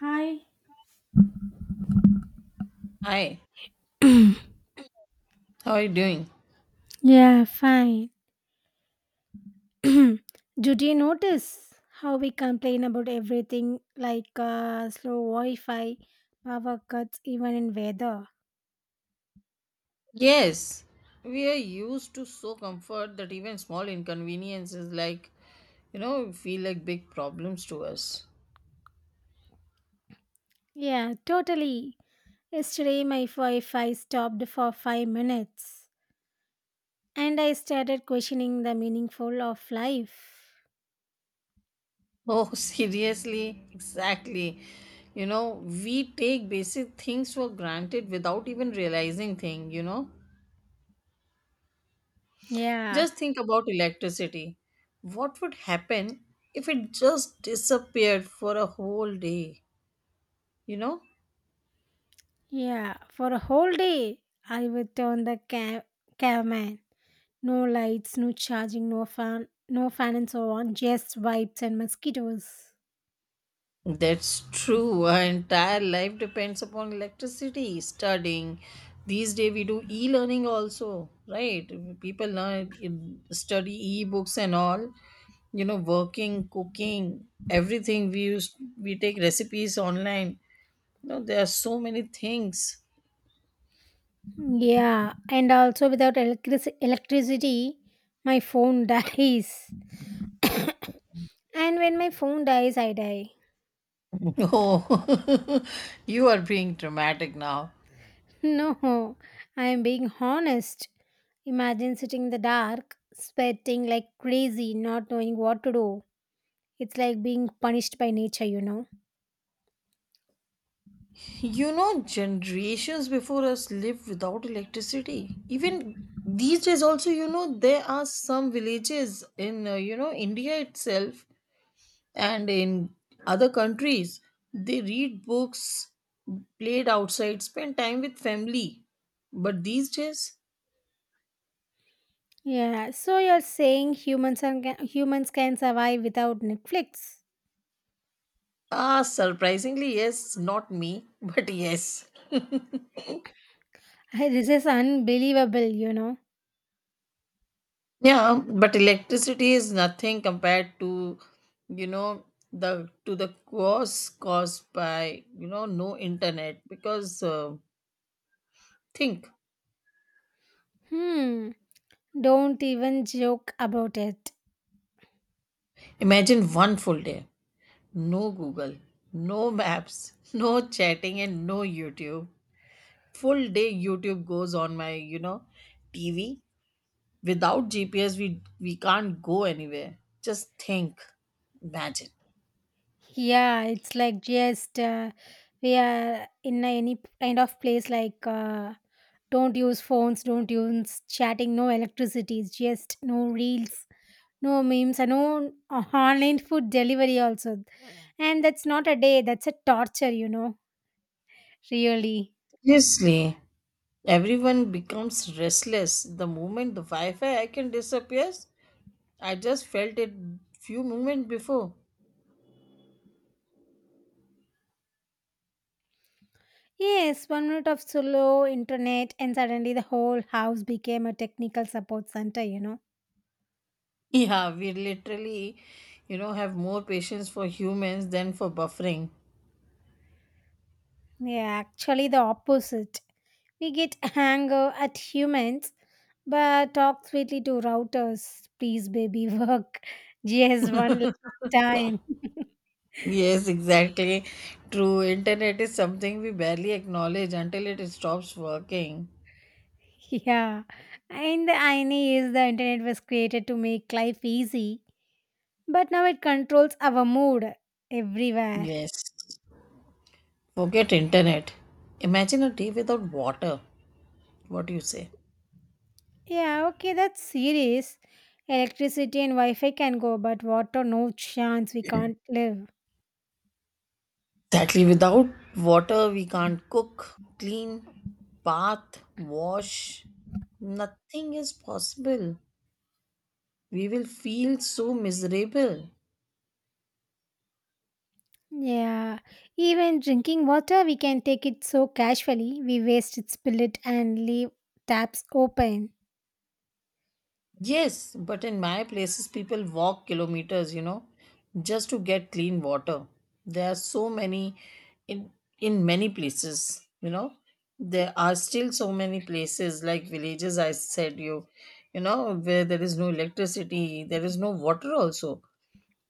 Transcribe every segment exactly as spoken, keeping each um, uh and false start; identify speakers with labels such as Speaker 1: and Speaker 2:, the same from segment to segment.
Speaker 1: Hi.
Speaker 2: Hi, how are you doing?
Speaker 1: Yeah, fine. Did you notice how we complain about everything like uh, slow Wi Fi, power cuts, even in weather?
Speaker 2: Yes, we are used to so comfort that even small inconveniences, like, you know, feel like big problems to us.
Speaker 1: Yeah, totally. Yesterday, my Wi Fi stopped for five minutes and I started questioning the meaningful of life.
Speaker 2: Oh, seriously? Exactly. You know, we take basic things for granted without even realizing thing, you know?
Speaker 1: Yeah,
Speaker 2: Just think about electricity. What would happen if it just disappeared for a whole day? You know?
Speaker 1: yeah. For a whole day, I would turn the cam- camera. No lights, no charging, no fan, no fan and so on. Just vibes and mosquitoes.
Speaker 2: That's true. Our entire life depends upon electricity, studying. These days we do e-learning also, right? People learn study e-books and all. You know, working, cooking, everything. We use we take recipes online. You know, there are so many things.
Speaker 1: Yeah, and also without electric- electricity, my phone dies. And when my phone dies, I die.
Speaker 2: Oh, you are being dramatic now.
Speaker 1: No, I am being honest. Imagine sitting in the dark, sweating like crazy, not knowing what to do. It's like being punished by nature, you know.
Speaker 2: You know, generations before us lived without electricity. Even these days, also, you know, there are some villages in, uh, you know, India itself and in other countries. They read books, played outside, spend time with family. But these days,
Speaker 1: Yeah, so you're saying humans are, humans can survive without Netflix?
Speaker 2: ah, surprisingly, yes, not me, but yes.
Speaker 1: Hi, this is unbelievable, you know.
Speaker 2: Yeah, but electricity is nothing compared to, you know, the to the cost caused by, you know, no internet. Because uh, think,
Speaker 1: Hmm, don't even joke about it.
Speaker 2: imagine one full day, no Google, no maps, no chatting, and no YouTube. Full day YouTube goes on my, you know, T V. Without G P S, we we can't go anywhere. Just think, imagine.
Speaker 1: Yeah, it's like just uh, we are in a- any kind of place like uh, don't use phones, don't use chatting, no electricity, it's just no reels, no memes, and no uh, online food delivery also. And that's not a day, that's a torture, you know, really.
Speaker 2: Seriously. Everyone becomes restless the moment the Wi-Fi icon disappears. I just felt it few moments before.
Speaker 1: Yes, one minute of slow internet, and suddenly the whole house became a technical support center, you know.
Speaker 2: Yeah, we literally, you know, have more patience for humans than for buffering.
Speaker 1: Yeah, actually, the opposite. We get anger at humans, but talk sweetly to routers. Please, baby, work just one last time.
Speaker 2: Yes, exactly. True. Internet is something we barely acknowledge until it stops working.
Speaker 1: Yeah. And the irony is the internet was created to make life easy, but now it controls our mood everywhere.
Speaker 2: Yes. Forget internet. Imagine a day without water. What do you say?
Speaker 1: Yeah, okay, that's serious. Electricity and Wi Fi can go, but water, no chance. We can't live.
Speaker 2: Exactly. Without water, we can't cook, clean, bath, wash. Nothing is possible. We will feel so miserable.
Speaker 1: Yeah, even drinking water, we can take it so casually. We waste it, spill it, and leave taps open.
Speaker 2: Yes, but in my places, people walk kilometers, you know, just to get clean water. There are so many in in many places, you know. There are still so many places like villages. I said you, you know, where there is no electricity, there is no water also.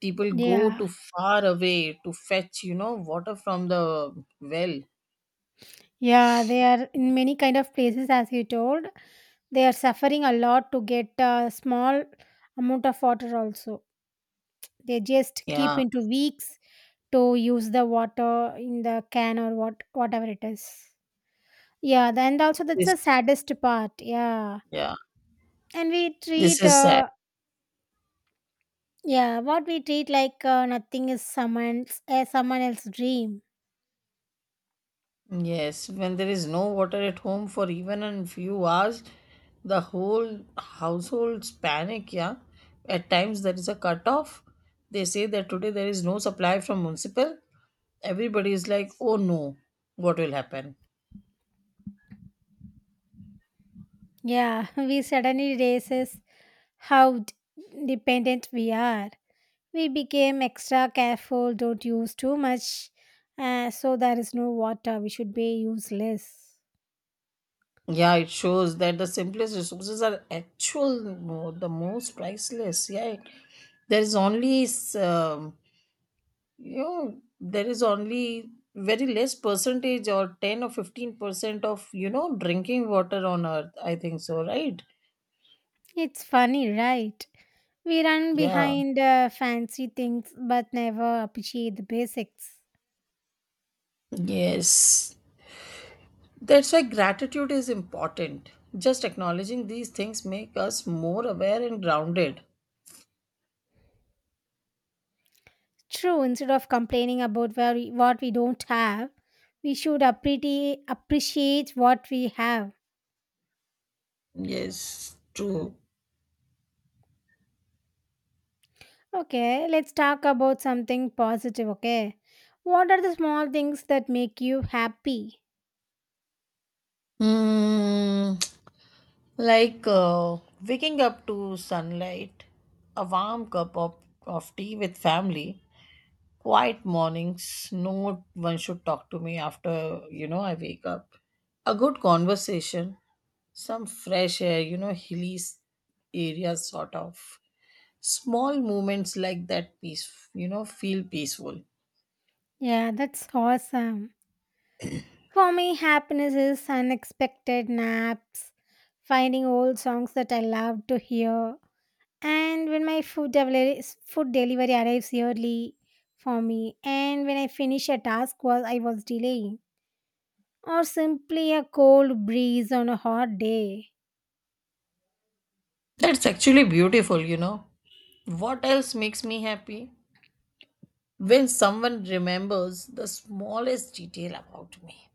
Speaker 2: People go
Speaker 1: Yeah,
Speaker 2: to far away to fetch, you know, water from the well.
Speaker 1: yeah, they are in many kind of places, as you told. They are suffering a lot to get a small amount of water. Also, they just keep
Speaker 2: Yeah,
Speaker 1: into weeks to use the water in the can or what whatever it is. Yeah, th- and also that's
Speaker 2: this,
Speaker 1: the saddest part. Yeah,
Speaker 2: yeah,
Speaker 1: and we
Speaker 2: this
Speaker 1: treat
Speaker 2: is sad.
Speaker 1: uh, yeah, what we treat like uh, nothing is someone's uh, someone else's dream.
Speaker 2: Yes, when there is no water at home for even a few hours, the whole households panic. Yeah, at times there is a cutoff. They say that today there is no supply from municipal. Everybody is like, oh no, what will happen?
Speaker 1: Yeah, we suddenly realize how d- dependent we are. We became extra careful, don't use too much, uh, so there is no water. We should be useless.
Speaker 2: Yeah, it shows that the simplest resources are actual mo- the most priceless. Yeah, there is only s- um, you know there is only very less percentage or ten or fifteen percent of you know drinking water on Earth. I think so, right?
Speaker 1: It's funny, right? We run
Speaker 2: Yeah.
Speaker 1: behind uh, fancy things but never appreciate the basics.
Speaker 2: Yes. That's why gratitude is important. Just acknowledging these things make us more aware and grounded.
Speaker 1: True, instead of complaining about where we, what we don't have, we should appreciate appreciate what we have.
Speaker 2: Yes, true.
Speaker 1: Okay, let's talk about something positive, okay? What are the small things that make you happy?
Speaker 2: Hmm. Like uh, waking up to sunlight, a warm cup of, of tea with family, quiet mornings, no one should talk to me after, you know, I wake up. A good conversation, some fresh air, you know, hilly s- areas sort of. Small moments like that peace, you know, feel peaceful.
Speaker 1: Yeah, that's awesome. For me, happiness is unexpected naps, finding old songs that I love to hear, and when my food delivery food delivery arrives early for me, and when I finish a task while I was delaying, or simply a cold breeze on a hot day.
Speaker 2: That's actually beautiful, you know. What else makes me happy? When someone remembers the smallest detail about me.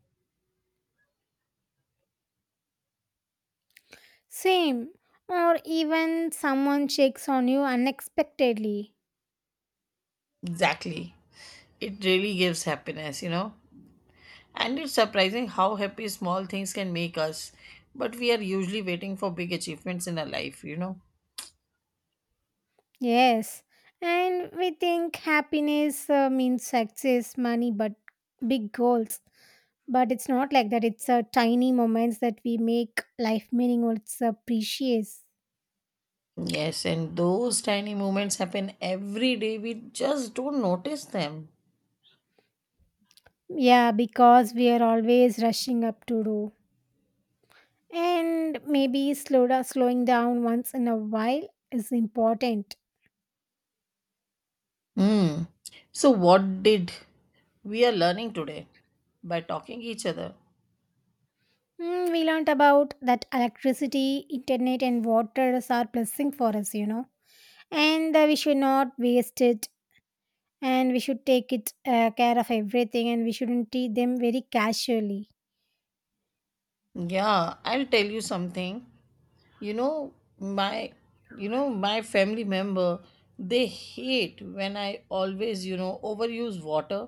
Speaker 1: Same, or even someone checks on you unexpectedly.
Speaker 2: Exactly. It really gives happiness, you know. And it's surprising how happy small things can make us. But we are usually waiting for big achievements in our life, you know.
Speaker 1: Yes, and we think happiness uh, means success, money, but big goals. But it's not like that. It's uh, tiny moments that we make life meaningful. It's uh, precious.
Speaker 2: Yes, and those tiny moments happen every day. We just don't notice them.
Speaker 1: Yeah, because we are always rushing up to do. And maybe slow, down, slowing down once in a while is important.
Speaker 2: Hmm. So, what did we are learning today by talking each other?
Speaker 1: Mm, we learnt about that electricity, internet, and waters are blessing for us, you know, and uh, we should not waste it, and we should take it uh, care of everything, and we shouldn't treat them very casually.
Speaker 2: Yeah, I'll tell you something. you know my you know my family member, they hate when I always you know overuse water.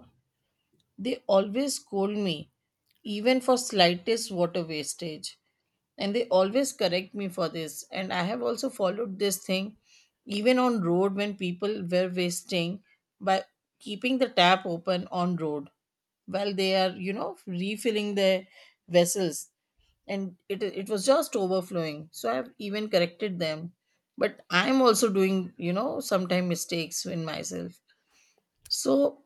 Speaker 2: They always scold me even for slightest water wastage, and they always correct me for this, and I have also followed this thing. Even on road when people were wasting by keeping the tap open on road while they are you know refilling their vessels, and it it was just overflowing, so I've even corrected them. But I'm also doing you know sometime mistakes in myself, so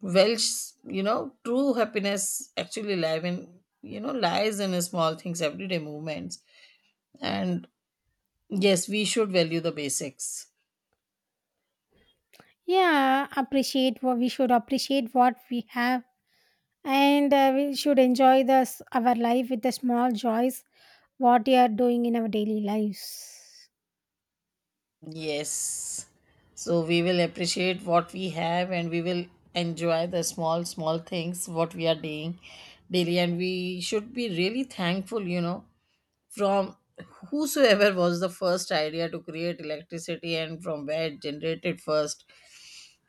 Speaker 2: Welsh, you know true happiness actually live in you know lies in small things everyday movements, and yes, we should value the basics.
Speaker 1: Yeah, appreciate what we should appreciate what we have, and uh, we should enjoy this our life with the small joys what we are doing in our daily lives.
Speaker 2: Yes, so we will appreciate what we have, and we will enjoy the small small things what we are doing daily, and we should be really thankful you know From whosoever was the first idea to create electricity and from where it generated first,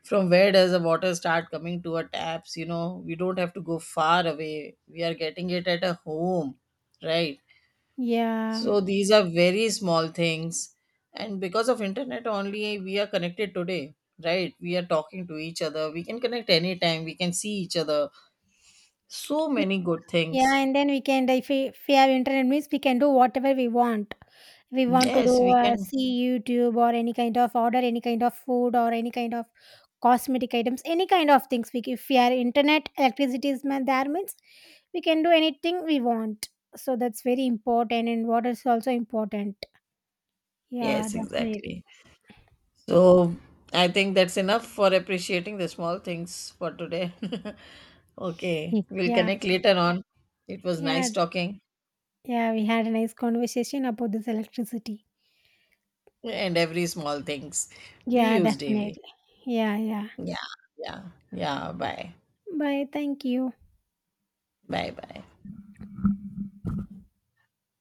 Speaker 2: from where does the water start coming to our taps, you know we don't have to go far away. We are getting it at a home, right?
Speaker 1: Yeah.
Speaker 2: So these are very small things. And because of internet only we are connected today, right? We are talking to each other. We can connect anytime. We can see each other. So many good
Speaker 1: Yeah,
Speaker 2: things.
Speaker 1: and then we can, if we, if we have internet means we can do whatever we want we want to
Speaker 2: Yes,
Speaker 1: do
Speaker 2: we
Speaker 1: uh,
Speaker 2: can.
Speaker 1: see youtube or any kind of order any kind of food or any kind of cosmetic items any kind of things we, if we are internet electricity is ma- there means we can do anything we want, so that's very important and water is also important. Yeah,
Speaker 2: Yes,
Speaker 1: definitely.
Speaker 2: exactly. So I think that's enough for appreciating the small things for today. Okay, we'll
Speaker 1: Yeah,
Speaker 2: connect later on. It was
Speaker 1: yeah.
Speaker 2: nice talking
Speaker 1: Yeah, we had a nice conversation about this electricity.
Speaker 2: and every small things we
Speaker 1: Yeah,
Speaker 2: use daily.
Speaker 1: definitely. Yeah, yeah.
Speaker 2: Yeah, yeah, yeah. Bye,
Speaker 1: Bye, thank you.
Speaker 2: bye, bye.